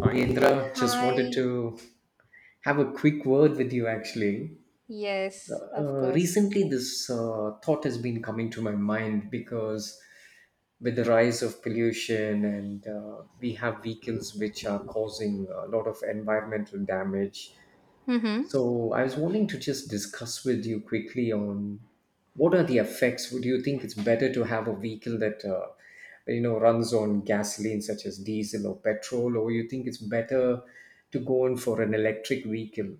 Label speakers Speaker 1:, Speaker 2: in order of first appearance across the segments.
Speaker 1: Ayendra, just wanted
Speaker 2: Hi.
Speaker 1: to have a quick word with you actually.
Speaker 2: Yes, of
Speaker 1: Uh,
Speaker 2: course.
Speaker 1: recently, this uh, thought has been coming to my mind because with the rise of pollution, and we have vehicles which are causing a lot of environmental damage,
Speaker 2: Mm-hmm.
Speaker 1: so I was wanting to just discuss with you quickly on what are the effects. Would you think it's better to have a vehicle that you know runs on gasoline such as diesel or petrol, or you think it's better to go in for an electric vehicle?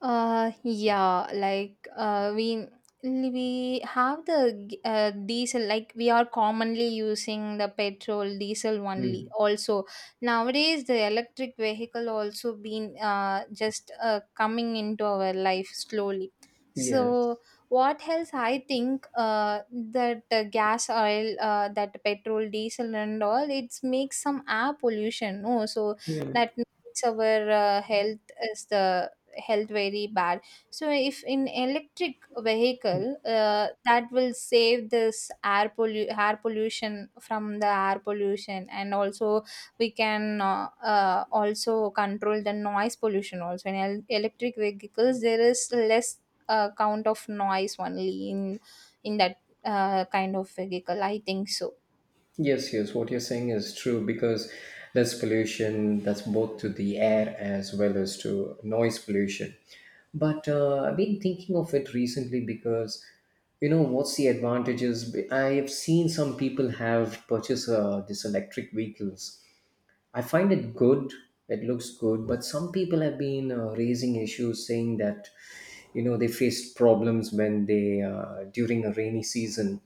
Speaker 2: Uh, yeah, like uh, we we have the diesel. Like we are commonly using the petrol diesel only.
Speaker 1: Mm.
Speaker 2: Also nowadays, the electric vehicle also been just coming into our life slowly.
Speaker 1: Yes.
Speaker 2: So what else I think that gas oil that petrol diesel and all it's makes some air pollution. No, so
Speaker 1: Hmm.
Speaker 2: that makes our health is the health very bad, so if in electric vehicle that will save air pollution from the air pollution, and also we can also control the noise pollution also. In electric vehicles there is less count of noise only in in that kind of vehicle, I think so.
Speaker 1: Yes, yes, what you're saying is true because there's pollution that's both to the air as well as to noise pollution. But I've been thinking of it recently because, you know, what's the advantages? I have seen some people have purchased these electric vehicles. I find it good, it looks good, but some people have been raising issues saying that, you know, they faced problems when they, during a rainy season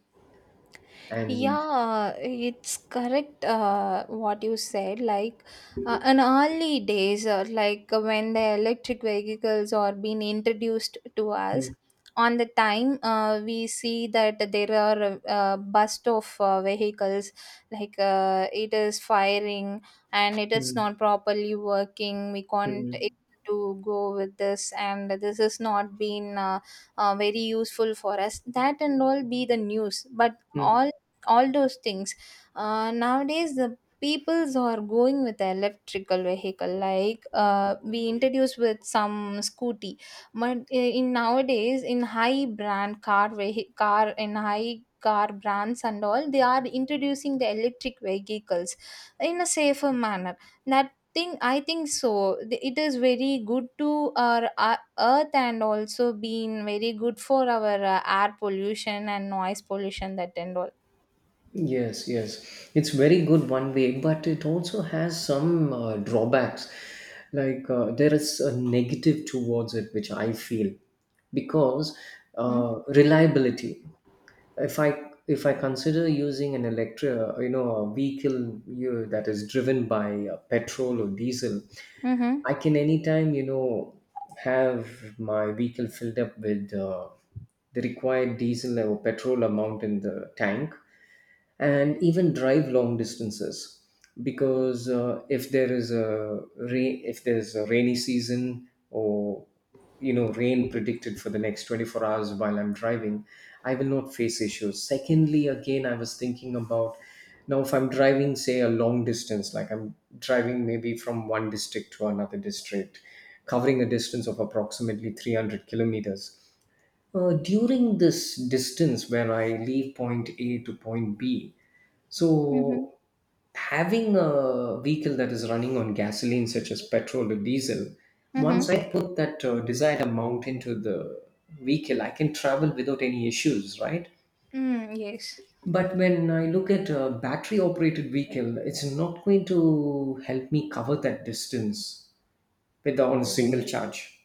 Speaker 1: and.
Speaker 2: Yeah, it's correct what you said. Like in early days, when the electric vehicles are being introduced to us,
Speaker 1: Mm,
Speaker 2: on the time we see that there are bust of vehicles, like it is firing and it is not
Speaker 1: mm,
Speaker 2: properly working. We can't able
Speaker 1: mm.
Speaker 2: to go with this, and this has not been very useful for us. That and all be the news, but
Speaker 1: Mm,
Speaker 2: all those things nowadays the peoples are going with the electrical vehicle, like we introduced with some scooty, but in nowadays in high brand car and high car brands and all, they are introducing the electric vehicles in a safer manner, that thing I think so. The- it is very good to our earth and also being very good for our air pollution and noise pollution, that and all.
Speaker 1: yes, yes. It's very good one way, but it also has some drawbacks. Like there is a negative towards it, which I feel, because
Speaker 2: Hmm?
Speaker 1: reliability. If I consider using an electric, you know, a vehicle you, that is driven by petrol or diesel,
Speaker 2: Mm-hmm.
Speaker 1: I can anytime, you know, have my vehicle filled up with the required diesel or petrol amount in the tank and even drive long distances because if there is a rain if there's a rainy season or you know rain predicted for the next 24 hours while I'm driving. I will not face issues. Secondly, again, I was thinking about, now if I'm driving, say a long distance, like I'm driving maybe from one district to another district covering a distance of approximately 300 kilometers. During this distance where I leave point A to point B,
Speaker 2: Mm-hmm.
Speaker 1: so having a vehicle that is running on gasoline, such as petrol or diesel, once
Speaker 2: Mm-hmm.
Speaker 1: I put that desired amount into the vehicle, I can travel without any issues, right?
Speaker 2: Mm, yes.
Speaker 1: But when I look at a battery operated vehicle, it's not going to help me cover that distance with on a single charge.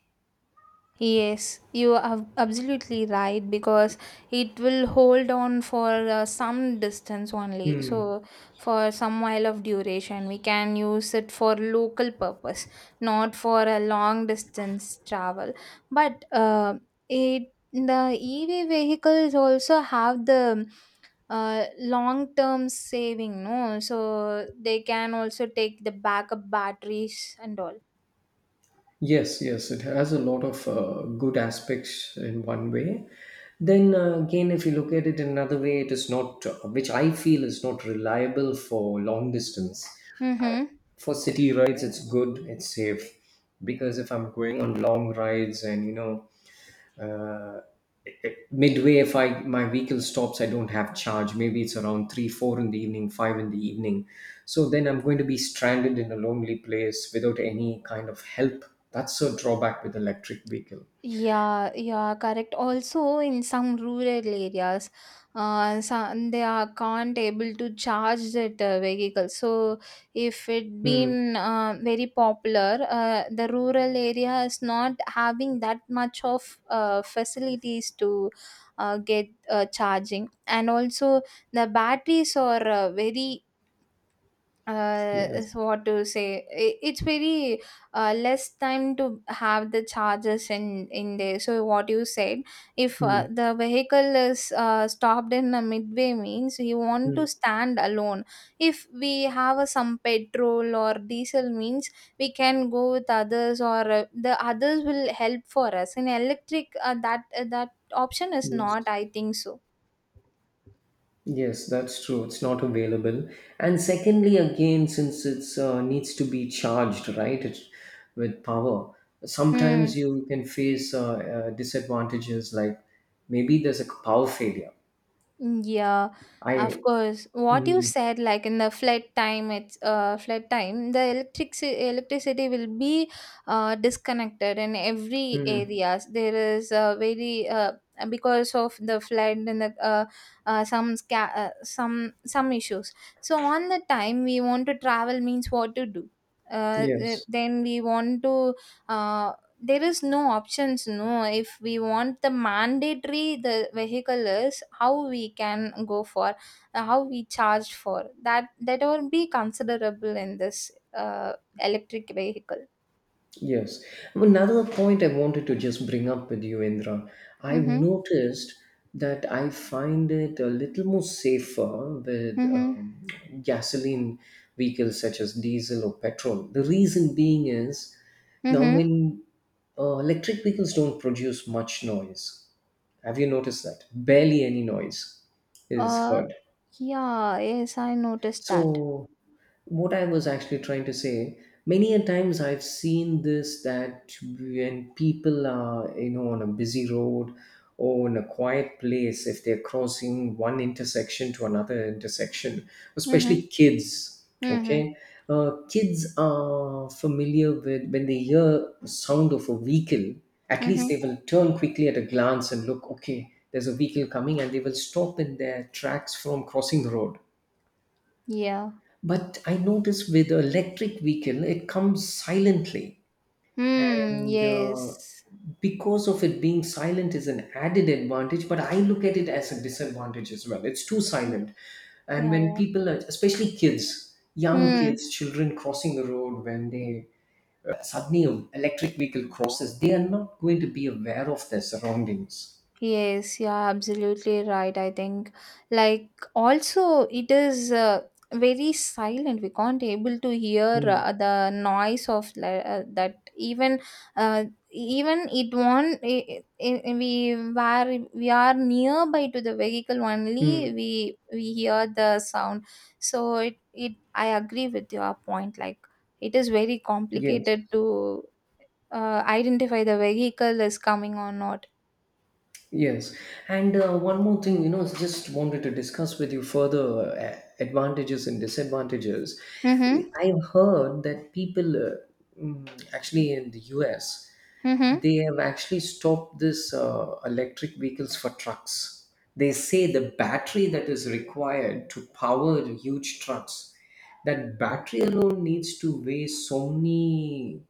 Speaker 2: Yes, you are absolutely right because it will hold on for some distance only.
Speaker 1: Hmm.
Speaker 2: So, for some while of duration, we can use it for local purpose, not for a long distance travel. But it the EV vehicles also have the long term saving, no? So they can also take the backup batteries and all.
Speaker 1: Yes, yes, it has a lot of good aspects in one way. Then again, if you look at it in another way, it is not, which I feel is not reliable for long distance.
Speaker 2: Mm-hmm.
Speaker 1: For city rides, it's good, it's safe. Because if I'm going on long rides and, you know, uh, midway if I my vehicle stops, I don't have charge, maybe it's around 3 4 in the evening, 5 in the evening, so then I'm going to be stranded in a lonely place without any kind of help. That's a drawback with electric vehicle.
Speaker 2: Yeah, yeah, correct. Also, in some rural areas, some, they are can't able to charge that vehicle. So, if it
Speaker 1: Hmm.
Speaker 2: been very popular, the rural area is not having that much of facilities to get charging, and also the batteries are very is
Speaker 1: Yes.
Speaker 2: what to say, it's very less time to have the charges in there. So what you said, if
Speaker 1: Hmm.
Speaker 2: the vehicle is stopped in a midway, means you want to
Speaker 1: Hmm.
Speaker 2: stand alone, if we have a, some petrol or diesel, means we can go with others, or the others will help for us. In electric that option is
Speaker 1: Yes,
Speaker 2: not, I think so.
Speaker 1: yes, that's true, it's not available. And secondly again, since it's needs to be charged right it, with power,
Speaker 2: Hmm.
Speaker 1: sometimes you can face disadvantages like maybe there's a power failure.
Speaker 2: Mm, yeah, of
Speaker 1: I
Speaker 2: course. What you
Speaker 1: mm,
Speaker 2: said, like in the flood time, it's flood time. The electric electricity will be disconnected in every
Speaker 1: mm,
Speaker 2: areas. There is a very because of the flood and the some issues. So on the time we want to travel, means what to do.
Speaker 1: yes,
Speaker 2: Then we want to uh, there is no options, no? If we want, the mandatory the vehicle is, how we can go for, how we charge for that, that will be considerable in this electric vehicle.
Speaker 1: yes. Another point I wanted to just bring up with you, Indra. I've
Speaker 2: Mm-hmm.
Speaker 1: noticed that I find it a little more safer with
Speaker 2: Mm-hmm.
Speaker 1: gasoline vehicles such as diesel or petrol. The reason being is now
Speaker 2: Mm-hmm.
Speaker 1: when electric vehicles don't produce much noise. Have you noticed that? Barely any noise is
Speaker 2: Uh
Speaker 1: heard.
Speaker 2: yeah, yes, I noticed that.
Speaker 1: So, what I was actually trying to say, many a times I've seen this that when people are, you know, on a busy road or in a quiet place, if they're crossing one intersection to another intersection,
Speaker 2: Mm-hmm.
Speaker 1: especially kids,
Speaker 2: Mm-hmm.
Speaker 1: okay, kids are familiar with when they hear the sound of a vehicle, at least they
Speaker 2: Mm-hmm.
Speaker 1: will turn quickly at a glance and look, okay, there's a vehicle coming, and they will stop in their tracks from crossing the road.
Speaker 2: Yeah.
Speaker 1: But I notice with electric vehicle, it comes silently,
Speaker 2: Hmm,
Speaker 1: and
Speaker 2: yes.
Speaker 1: because of it being silent is an added advantage. But I look at it as a disadvantage as well. It's too
Speaker 2: Yeah,
Speaker 1: silent, and when
Speaker 2: yeah.
Speaker 1: people, are, especially kids, young
Speaker 2: Hmm.
Speaker 1: kids, children crossing the road, when they suddenly an electric vehicle crosses, they are not going to be aware of their surroundings.
Speaker 2: Yes, yeah, absolutely right. I think, like, also it is very silent. We can't able to hear
Speaker 1: Mm.
Speaker 2: the noise of li- that. Even, uh, even it won't. We were we are nearby to the vehicle only.
Speaker 1: Mm.
Speaker 2: We hear the sound. So it. I agree with your point. Like, it is very
Speaker 1: Yes.
Speaker 2: complicated to identify the vehicle is coming or not.
Speaker 1: Yes, and one more thing, you know, just wanted to discuss with you further advantages and disadvantages.
Speaker 2: Mm-hmm.
Speaker 1: I have heard that people, actually in the US,
Speaker 2: Mm-hmm.
Speaker 1: they have actually stopped this electric vehicles for trucks. They say the battery that is required to power huge trucks, that battery alone needs to weigh so many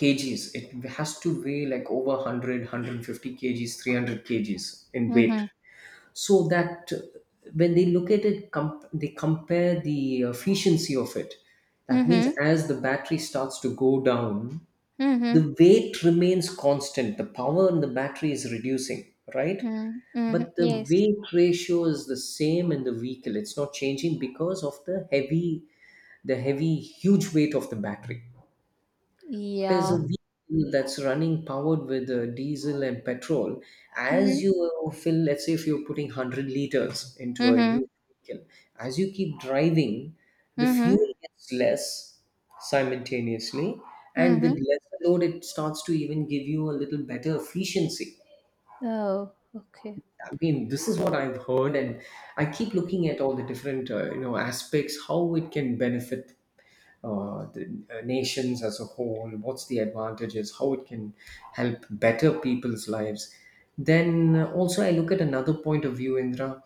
Speaker 1: kgs, it has to weigh like over 100 kgs, 300 kgs in weight.
Speaker 2: Mhm.
Speaker 1: So that when they look at they compare the efficiency of it, that means
Speaker 2: Mhm.
Speaker 1: as the battery starts to go down, the
Speaker 2: Mhm.
Speaker 1: weight remains constant, the power in the battery is reducing, right?
Speaker 2: Mhm. Mhm.
Speaker 1: But the
Speaker 2: Yes.
Speaker 1: weight ratio is the same in the vehicle, it's not changing because of the heavy huge weight of the battery. There's a
Speaker 2: Yeah.
Speaker 1: vehicle that's running powered with diesel and petrol. As
Speaker 2: Mhm.
Speaker 1: you fill, let's say if you're putting 100 liters into a
Speaker 2: Mhm.
Speaker 1: huge vehicle, as you keep driving, the fuel
Speaker 2: Mhm.
Speaker 1: gets less simultaneously. And with
Speaker 2: Mhm.
Speaker 1: less load, it starts to even give you a little better efficiency.
Speaker 2: Oh, okay.
Speaker 1: I mean, this is what I've heard, and I keep looking at all the different, you know, aspects how it can benefit the nations as a whole, what's the advantages, how it can help better people's lives. Then also, I look at another point of view, Indra.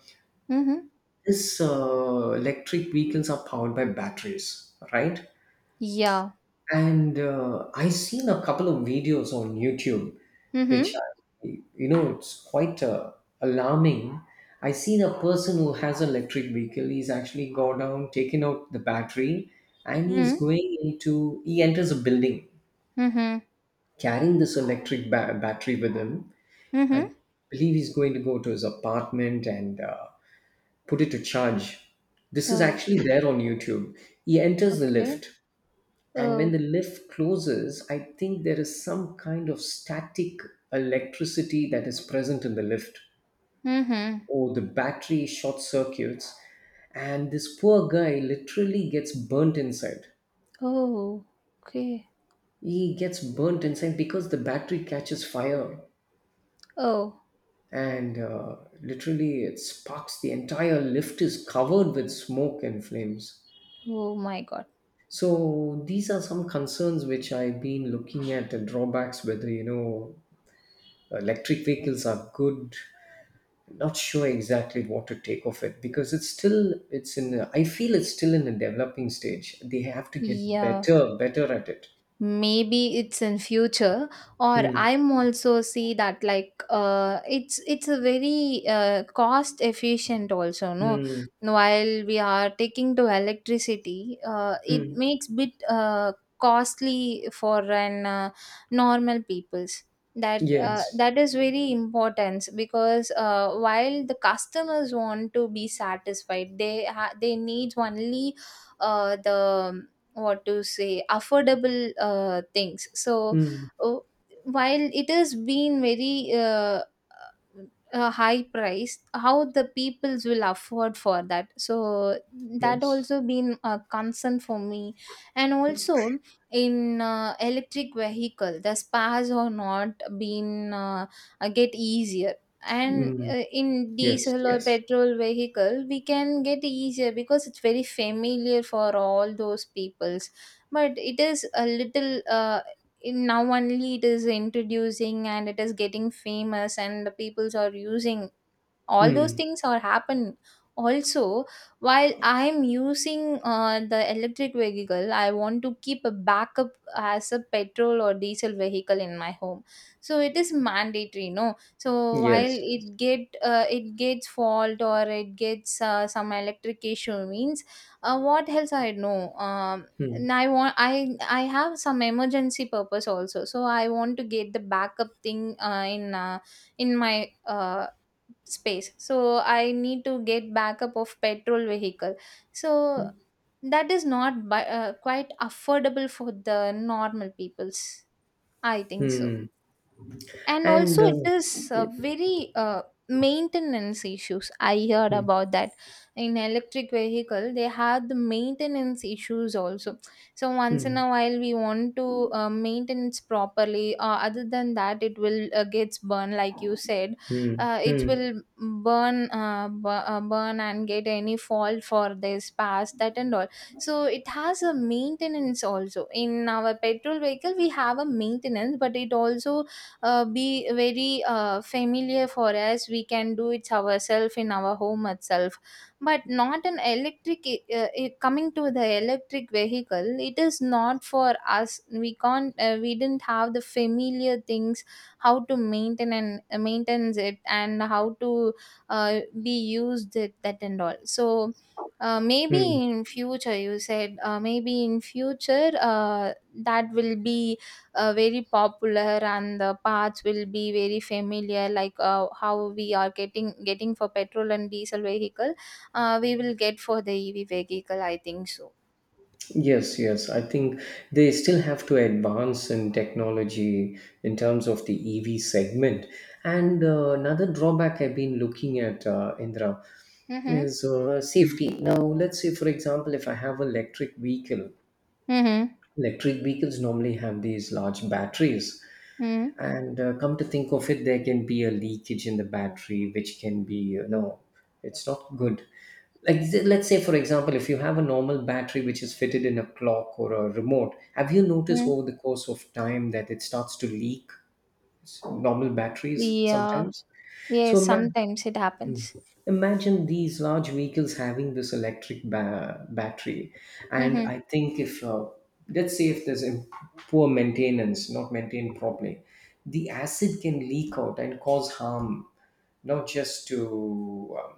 Speaker 2: Mhm.
Speaker 1: This electric vehicles are powered by batteries, right?
Speaker 2: Yeah.
Speaker 1: And I seen a couple of videos on YouTube, which
Speaker 2: Mhm.
Speaker 1: I, you know it's quite alarming. I seen a person who has an electric vehicle. He's actually gone down, taken out the battery, and he's
Speaker 2: Mhm.
Speaker 1: going into. He enters a building
Speaker 2: Mhm.
Speaker 1: carrying this electric battery with him. I
Speaker 2: Mhm.
Speaker 1: believe he's going to go to his apartment and put it to charge. This is
Speaker 2: Oh,
Speaker 1: actually there on YouTube. He enters the
Speaker 2: okay.
Speaker 1: lift, and when
Speaker 2: Oh.
Speaker 1: the lift closes, I think there is some kind of static electricity that is present in the lift,
Speaker 2: Mhm.
Speaker 1: or the battery short circuits, and this poor guy literally gets burnt inside.
Speaker 2: Oh, okay.
Speaker 1: He gets burnt inside because the battery catches fire,
Speaker 2: Oh.
Speaker 1: and literally it sparks, the entire lift is covered with smoke and flames.
Speaker 2: Oh my God.
Speaker 1: So these are some concerns which I've been looking at, the drawbacks, whether you know electric vehicles are good. Not sure exactly what to take of it, because it's still it's in I feel it's still in a developing stage, they have to get
Speaker 2: Yeah.
Speaker 1: better better at it.
Speaker 2: Maybe it's in future, or
Speaker 1: Mm,
Speaker 2: I'm also see that, like uh, it's a very cost efficient also, no?
Speaker 1: mm,
Speaker 2: While we are taking to electricity, it
Speaker 1: mm.
Speaker 2: makes bit costly for an normal peoples. That
Speaker 1: Yes.
Speaker 2: that is very important because while the customers want to be satisfied, they need only the what to say affordable things. So
Speaker 1: Mm,
Speaker 2: oh, while it has been very a high price, how the peoples will afford for that? So that
Speaker 1: yes.
Speaker 2: also been a concern for me. And also in electric vehicle the spas are not been get easier, and
Speaker 1: Mm,
Speaker 2: in
Speaker 1: yes,
Speaker 2: diesel or
Speaker 1: yes.
Speaker 2: petrol vehicle we can get easier because it's very familiar for all those peoples. But it is a little now only it is introducing and it is getting famous and the peoples are using, all those
Speaker 1: Mm,
Speaker 2: things are happen. Also, while I'm using the electric vehicle, I want to keep a backup as a petrol or diesel vehicle in my home. So it is mandatory, no? So while
Speaker 1: yes,
Speaker 2: it
Speaker 1: yes.
Speaker 2: get it gets fault, or it gets some electric issue, means what else I know, um,
Speaker 1: Mm,
Speaker 2: and I want, I have some emergency purpose also, so I want to get the backup thing in my space. So I need to get backup of petrol vehicle. So that is not quite affordable for the normal peoples, I think so.
Speaker 1: mm.
Speaker 2: And
Speaker 1: And
Speaker 2: also it is
Speaker 1: yeah,
Speaker 2: very maintenance issues I heard
Speaker 1: mm,
Speaker 2: about that. In electric vehicle, they have the maintenance issues also, so once in
Speaker 1: mm,
Speaker 2: a while we want to maintenance properly, other than that it will gets burned like you said.
Speaker 1: mm,
Speaker 2: It
Speaker 1: mm,
Speaker 2: will burn and get any fault for this past, that and all. So it has a maintenance also. In our petrol vehicle, we have a maintenance, but it also be very familiar for us, we can do it ourselves in our home itself. But not an electric, coming to the electric vehicle, it is not for us, we can't we didn't have the familiar things, how to maintain and maintains it, and how to be used it, that and all. So maybe
Speaker 1: mm.
Speaker 2: in future, you said, maybe in future that will be very popular, and the parts will be very familiar like how we are getting for petrol and diesel vehicle, we will get for the EV vehicle, I think so.
Speaker 1: Yes, yes. I think they still have to advance in technology in terms of the EV segment. And another drawback I've been looking at, Indra,
Speaker 2: Mm-hmm.
Speaker 1: is safety. Now, let's say, for example, if I have an electric vehicle,
Speaker 2: Mm-hmm.
Speaker 1: electric vehicles normally have these large batteries.
Speaker 2: Mm-hmm.
Speaker 1: And come to think of it, there can be a leakage in the battery, which can be, you know, it's not good. Like let's say for example, if you have a normal battery which is fitted in a clock or a remote, have you noticed
Speaker 2: Mm-hmm.
Speaker 1: over the course of time that it starts to leak? Normal batteries
Speaker 2: Yeah,
Speaker 1: sometimes. So
Speaker 2: yes, sometimes it
Speaker 1: Hmm.
Speaker 2: happens.
Speaker 1: Imagine these large vehicles having this electric battery. And
Speaker 2: Mm-hmm.
Speaker 1: I think if let's say if there's poor maintenance, not maintained properly, the acid can leak out and cause harm, not just to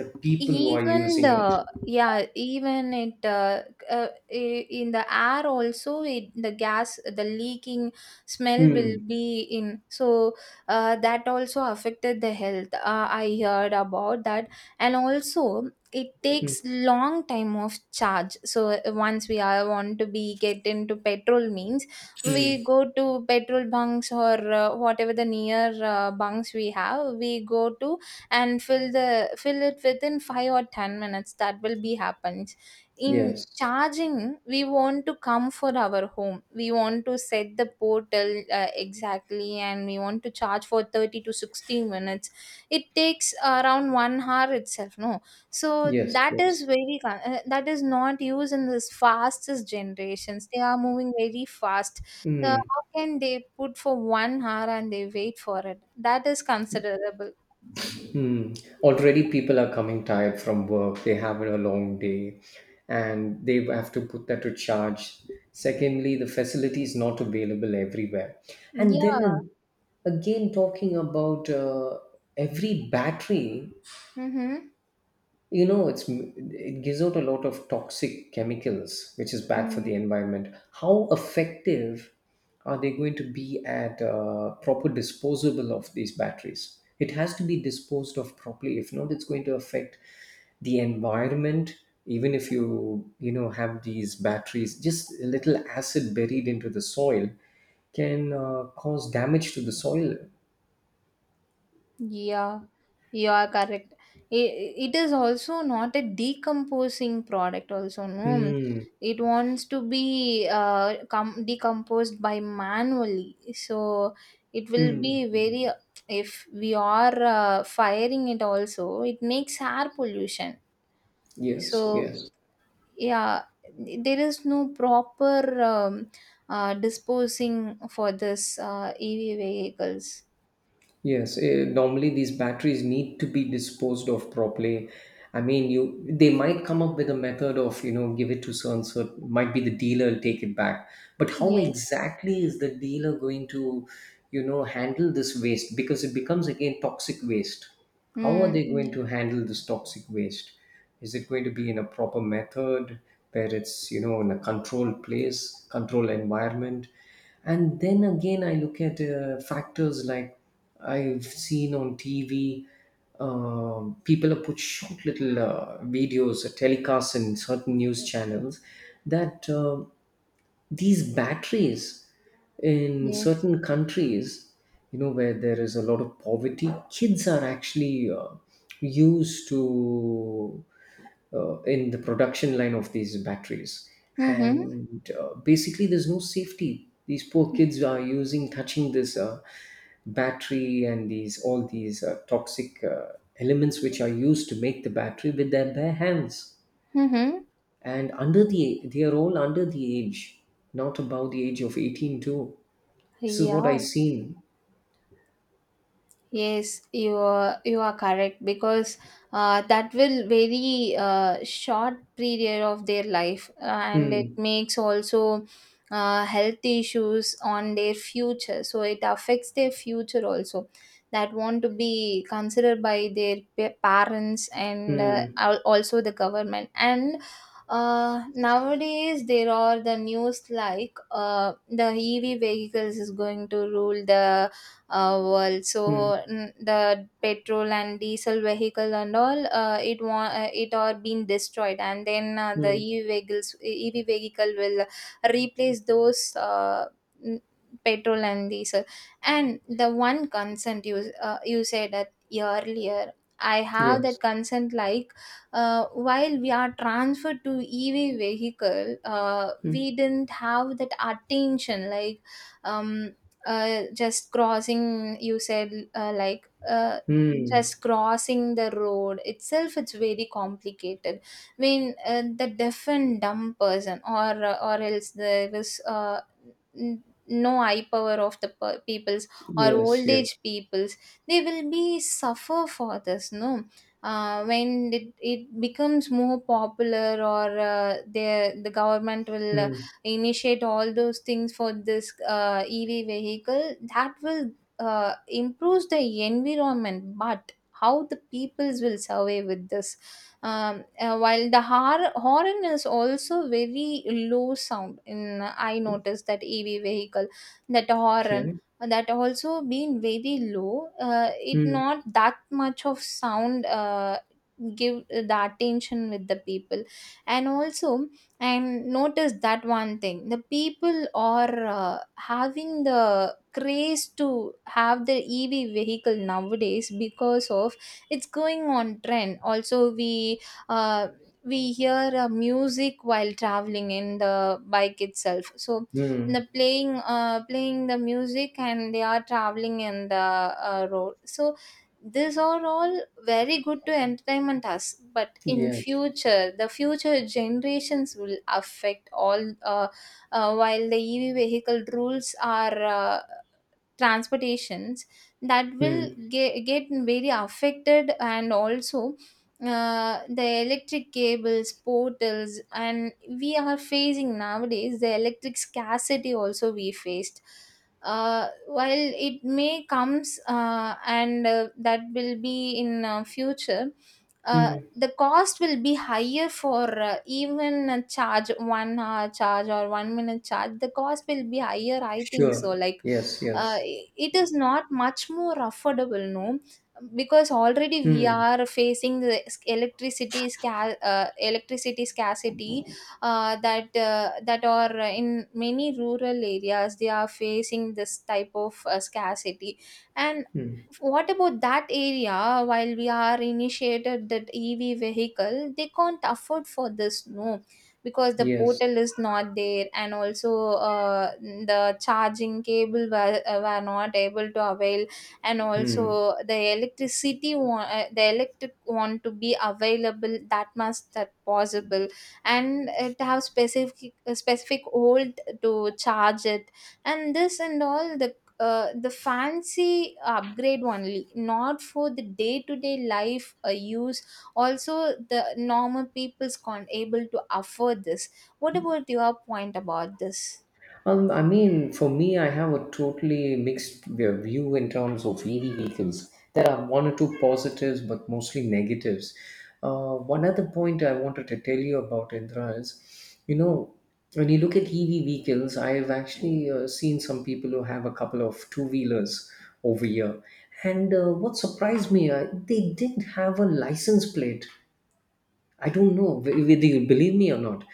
Speaker 1: the people who are
Speaker 2: Even
Speaker 1: using it.
Speaker 2: the, yeah, even it in the air also it, the gas the leaking smell will
Speaker 1: Hmm.
Speaker 2: be in. So that also affected the health, I heard about that. And also it
Speaker 1: Mm,
Speaker 2: takes long time of charge. So once we are want to be get into petrol, means we
Speaker 1: mm.
Speaker 2: go to petrol bunks, or whatever the near bunks we have, we go to and fill it within 5 or 10 minutes, that will be happens. In
Speaker 1: Yes,
Speaker 2: charging, we want to come for our home, we want to set the portal exactly, and we want to charge for 30 to 60 minutes. It takes around 1 hour itself, no? So
Speaker 1: yes,
Speaker 2: that is
Speaker 1: yes.
Speaker 2: very that is not used in this fastest generations, they are moving very fast.
Speaker 1: Mm,
Speaker 2: How can they put for 1 hour and they wait for it? That is considerable.
Speaker 1: mm. Already people are coming tired from work. They have a long day and they have to put that to charge. Secondly, the facility is not available everywhere. And
Speaker 2: Yeah.
Speaker 1: then again, talking about every battery,
Speaker 2: Mm-hmm.
Speaker 1: you know it's it gives out a lot of toxic chemicals which is bad for
Speaker 2: Mm.
Speaker 1: the environment. How effective are they going to be at proper disposable of these batteries? It has to be disposed of properly, if not it's going to affect the environment. Even if you you know have these batteries, just a little acid buried into the soil can cause damage to the soil.
Speaker 2: Yeah, you are correct. It, it is also not a decomposing product also, no.
Speaker 1: Hmm.
Speaker 2: It wants to be decomposed by manually. So it will
Speaker 1: Hmm.
Speaker 2: be very, if we are firing it also, it makes air pollution.
Speaker 1: Yes.
Speaker 2: So
Speaker 1: Yes.
Speaker 2: yeah, there is no proper disposing for this EV vehicles.
Speaker 1: Yes, eh, normally these batteries need to be disposed of properly. I mean, you they might come up with a method of you know give it to so and so. Might be the dealer will take it back, but how
Speaker 2: Yes.
Speaker 1: exactly is the dealer going to, you know, handle this waste? Because it becomes again toxic waste. How are
Speaker 2: Mm,
Speaker 1: they going
Speaker 2: ye
Speaker 1: to handle this toxic waste? Is it going to be in a proper method where it's, you know, in a controlled place, controlled environment? And then again, I look at factors like I've seen on TV. People have put short little videos, telecasts in certain news channels that these batteries in
Speaker 2: yes.
Speaker 1: certain countries, you know, where there is a lot of poverty, kids are actually used to, in the production line of these batteries.
Speaker 2: Mhm,
Speaker 1: And basically, there's no safety. These poor kids are using, touching this battery and these all these toxic elements which are used to make the battery with their bare hands.
Speaker 2: mhm.
Speaker 1: And they are all under the age, not above the age of 18 too. This is what I
Speaker 2: Yeah,
Speaker 1: seen.
Speaker 2: yes, you are correct because that will very short period of their life, and it
Speaker 1: Hmm.
Speaker 2: makes also health issues on their future. So it affects their future also. That want to be considered by their parents, and
Speaker 1: Hmm.
Speaker 2: also the government. And nowadays there are the news the EV vehicles is going to rule the world so
Speaker 1: Hmm.
Speaker 2: the petrol and diesel vehicle and all it are being destroyed and then the
Speaker 1: Hmm.
Speaker 2: ev vehicle will replace those n- petrol and diesel. And the one consent you said that earlier, I have that
Speaker 1: Yes.
Speaker 2: consent like uh, while we are transferred to ev vehicle. uh,
Speaker 1: Hmm.
Speaker 2: we didn't have that attention like um just crossing, you said,
Speaker 1: Hmm.
Speaker 2: just crossing the road itself, it's very complicated. I mean, the deaf and dumb person, or else there is no eye power of the peoples or
Speaker 1: Yes.
Speaker 2: old
Speaker 1: Yes.
Speaker 2: age peoples, they will be suffer for this, no? When it becomes more popular, or the government will
Speaker 1: Hmm.
Speaker 2: initiate all those things for this ev vehicle that will improves the environment, but how the peoples will survive with this? While the horn is also very low sound in, I noticed that ev vehicle, that horn,
Speaker 1: Okay.
Speaker 2: that also being very low. It
Speaker 1: Hmm.
Speaker 2: not that much of sound give the attention with the people. And also, and notice that one thing, the people are having the craze to have the ev vehicle nowadays because of it's going on trend. Also, uh, we hear music while traveling in the bike itself. So
Speaker 1: Hmm.
Speaker 2: the playing the music and they are traveling in the road. So these are all very good to entertainment us, but in
Speaker 1: Yes.
Speaker 2: future the future generations will affect all. While the ev vehicle rules are transportations, that will
Speaker 1: Mm.
Speaker 2: get very affected. And also the electric cables portals, and we are facing nowadays the electric scarcity also we faced. While it may comes, and that will be in future.
Speaker 1: Mm.
Speaker 2: The cost will be higher for even a charge, one hour charge or one minute charge, the cost will be higher, I think so,
Speaker 1: Sure.
Speaker 2: like
Speaker 1: Yes, yes.
Speaker 2: it is not much more affordable, no? Because already we
Speaker 1: Mm.
Speaker 2: are facing the electricity scarcity. That are in many rural areas, they are facing this type of scarcity. And
Speaker 1: Mm.
Speaker 2: what about that area while we are initiated that ev vehicle? They can't afford for this, no? Because the
Speaker 1: Yes.
Speaker 2: portal is not there. And also the charging cable were not able to avail. And also the the electric want to be available that much that possible. And it have specific old to charge it. And this and all the fancy upgrade only, not for the day to day life use. Also the normal people's can't able to afford this. What about your point about this?
Speaker 1: I mean, for me, I have a totally view in terms of EV vehicles. There are one or two positives, but mostly negatives. One other point I wanted to tell you about, Indra, is, you know, when you look at EV vehicles, I've actually seen some people who have a couple of two wheelers over here. And what surprised me, they didn't have a license plate. I don't know whether you believe me or not.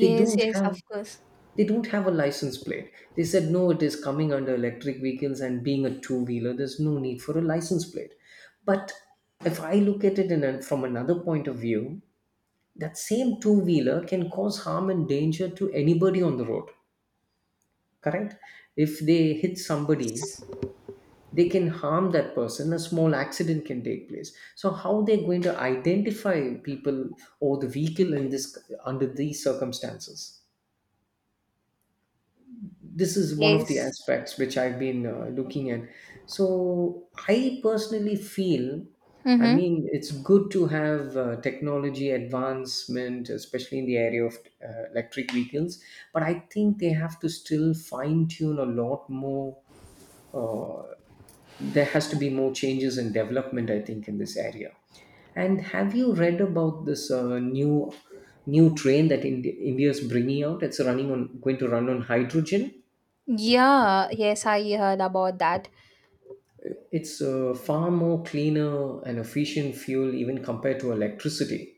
Speaker 1: They
Speaker 2: Yes,
Speaker 1: don't
Speaker 2: yes, of
Speaker 1: have,
Speaker 2: course.
Speaker 1: they don't have a license plate. They said no, it is coming under electric vehicles and being a two wheeler, there's no need for a license plate. But if I look at it in a, from another point of view, that same two wheeler can cause harm and danger to anybody on the road. Correct? If they hit somebody, they can harm that person. A small accident can take place. So how they're going to identify people or the vehicle in this, under these circumstances? This is one
Speaker 2: Yes.
Speaker 1: of the aspects which I've been looking at. So I personally feel, I
Speaker 2: Mm-hmm.
Speaker 1: mean, it's good to have technology advancement, especially in the area of electric vehicles, but I think they have to still fine tune a lot more. uh, there has to be more changes and development, I think, in this area. And have you read about this new train that India is bringing out? It's running on going to run on hydrogen.
Speaker 2: Yeah, yes, I heard about that.
Speaker 1: It's far more cleaner and efficient fuel even compared to electricity.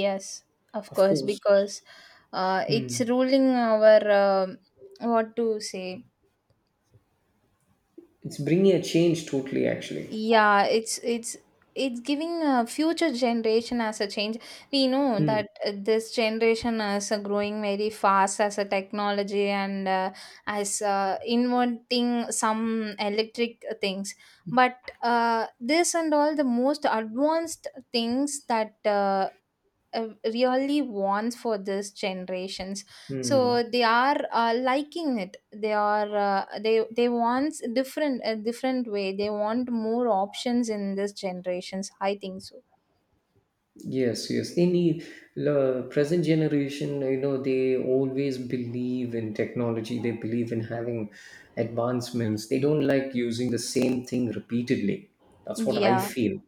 Speaker 2: Yes, of
Speaker 1: Of
Speaker 2: course,
Speaker 1: course.
Speaker 2: because it's
Speaker 1: Hmm.
Speaker 2: ruling our what to say.
Speaker 1: It's bringing a change totally actually.
Speaker 2: Yeah, it's it's giving a future generation as a change. We know
Speaker 1: Hmm.
Speaker 2: that this generation is growing very fast as a technology. And as inventing some electric things. But this and all the most advanced things that uh, really wants for this generations.
Speaker 1: Hmm.
Speaker 2: So they are liking it. They are they want different, a different way. They want more options in this generations, I think so.
Speaker 1: Yes, yes. They need, the present generation, you know, they always believe in technology. They believe in having advancements. They don't like using the same thing repeatedly. That's what I
Speaker 2: Yeah,
Speaker 1: feel.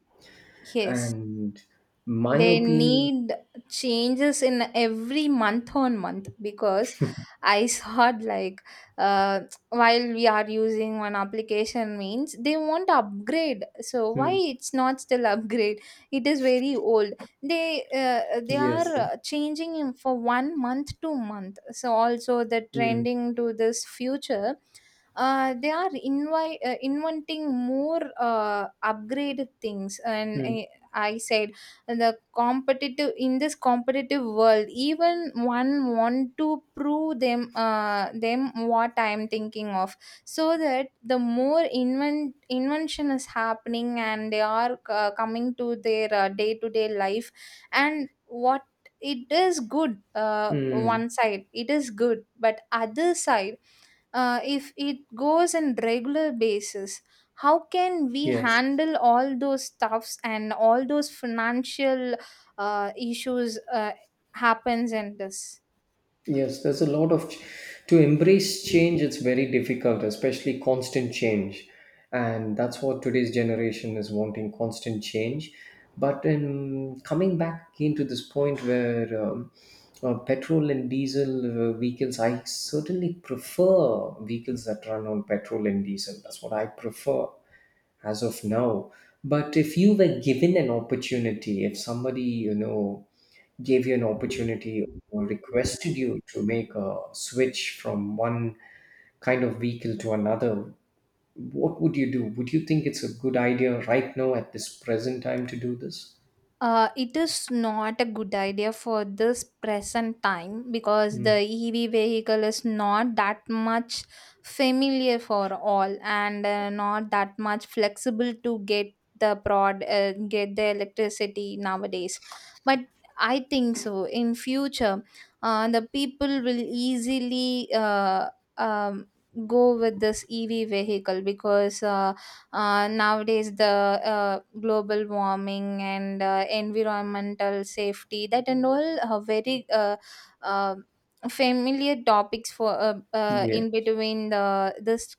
Speaker 2: yes,
Speaker 1: And my
Speaker 2: they
Speaker 1: opinion,
Speaker 2: need changes in every month on month. Because I saw it like uh, while we are using one application means they want to upgrade, so why
Speaker 1: hmm,
Speaker 2: it's not still upgrade? It is very old. They
Speaker 1: yes,
Speaker 2: are
Speaker 1: yes.
Speaker 2: changing in for one month to month. So also the
Speaker 1: Hmm,
Speaker 2: trending to this future, inventing more upgraded things. And
Speaker 1: hmm,
Speaker 2: I said, and the competitive in this competitive world, even one want to prove them, what I am thinking of. So that the more invention is happening and they are coming to their day-to-day life. And what, it is good
Speaker 1: hmm,
Speaker 2: one side it is good, but other side if it goes on regular basis, how can we
Speaker 1: yes.
Speaker 2: handle all those stuffs and all those financial issues happens in this.
Speaker 1: Yes, there's a lot of ch- to embrace change. It's very difficult, especially constant change, and that's what today's generation is wanting: constant change. But in coming back again to this point where petrol and diesel vehicles, I certainly prefer vehicles that run on petrol and diesel. That's what I prefer as of now. But if you were given an opportunity, if somebody, you know, gave you an opportunity or requested you to make a switch from one kind of vehicle to another, what would you do? Would you think it's a good idea right now at this present time to do this?
Speaker 2: It is not a good idea for this present time because the
Speaker 1: Mm.
Speaker 2: EV vehicle is not that much familiar for all, and not that much flexible to get the prod get the electricity nowadays. But I think so. In future, the people will easily um, go with this EV vehicle. Because nowadays the global warming and environmental safety, that and all, are very uh, familiar topics for in
Speaker 1: Yes.
Speaker 2: between the this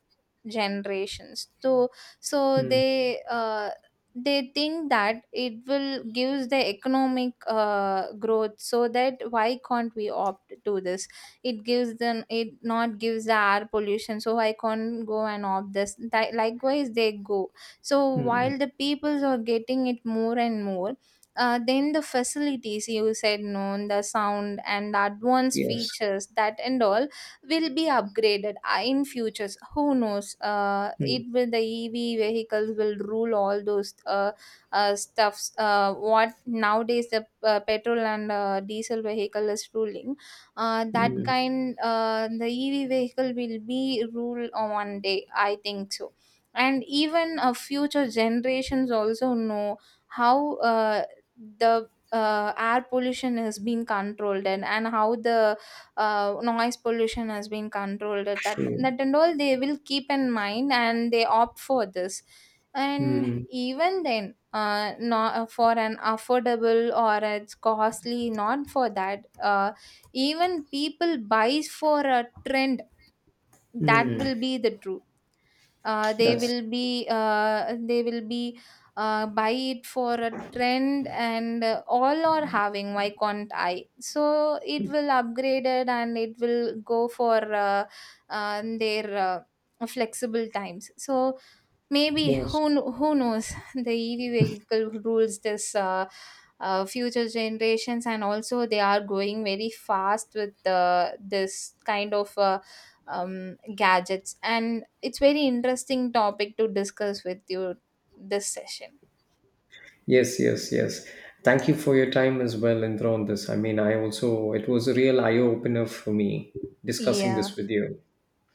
Speaker 2: generations. So so
Speaker 1: Mm.
Speaker 2: they think that it will gives the economic growth. So that why can't we opt to this? It gives them, it not gives the air pollution, so I can't go and opt this. Likewise they go. So
Speaker 1: Mm.
Speaker 2: while the peoples are getting it more and more, then the facilities you said, known the sound and the advanced
Speaker 1: Yes.
Speaker 2: features, that and all, will be upgraded in futures. Who knows, it
Speaker 1: Mm.
Speaker 2: will, the ev vehicles will rule all those stuffs, what nowadays the petrol and diesel vehicle is ruling. That
Speaker 1: Mm.
Speaker 2: kind, the ev vehicle will be rule on one day, I think so. And even future generations also know how the air pollution has been controlled. And how the noise pollution has been controlled, that,
Speaker 1: Mm.
Speaker 2: that and all, they will keep in mind and they opt for this. And
Speaker 1: Mm.
Speaker 2: even then, not for an affordable, or it's costly, not for that, even people buys for a trend. That
Speaker 1: Mm.
Speaker 2: will be the truth.
Speaker 1: That's,
Speaker 2: They will be buy it for a trend. And all are having, why can't I? So it will upgrade it and it will go for their flexible times. So maybe who
Speaker 1: yes.
Speaker 2: who knows? The EV vehicle rules this future generations, and also they are going very fast with this kind of gadgets. And it's very interesting topic to discuss with you this session.
Speaker 1: Yes, yes, yes. Thank you for your time as well, Indra, on this. I mean, I also, it was a real eye opener for me discussing
Speaker 2: Yeah,
Speaker 1: this with you.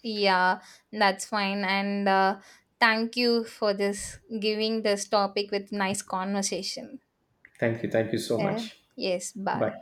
Speaker 2: yeah, that's fine. And thank you for this giving this topic with nice conversation.
Speaker 1: Thank you. Thank you so
Speaker 2: Uh,
Speaker 1: much.
Speaker 2: yes, bye.
Speaker 1: Bye.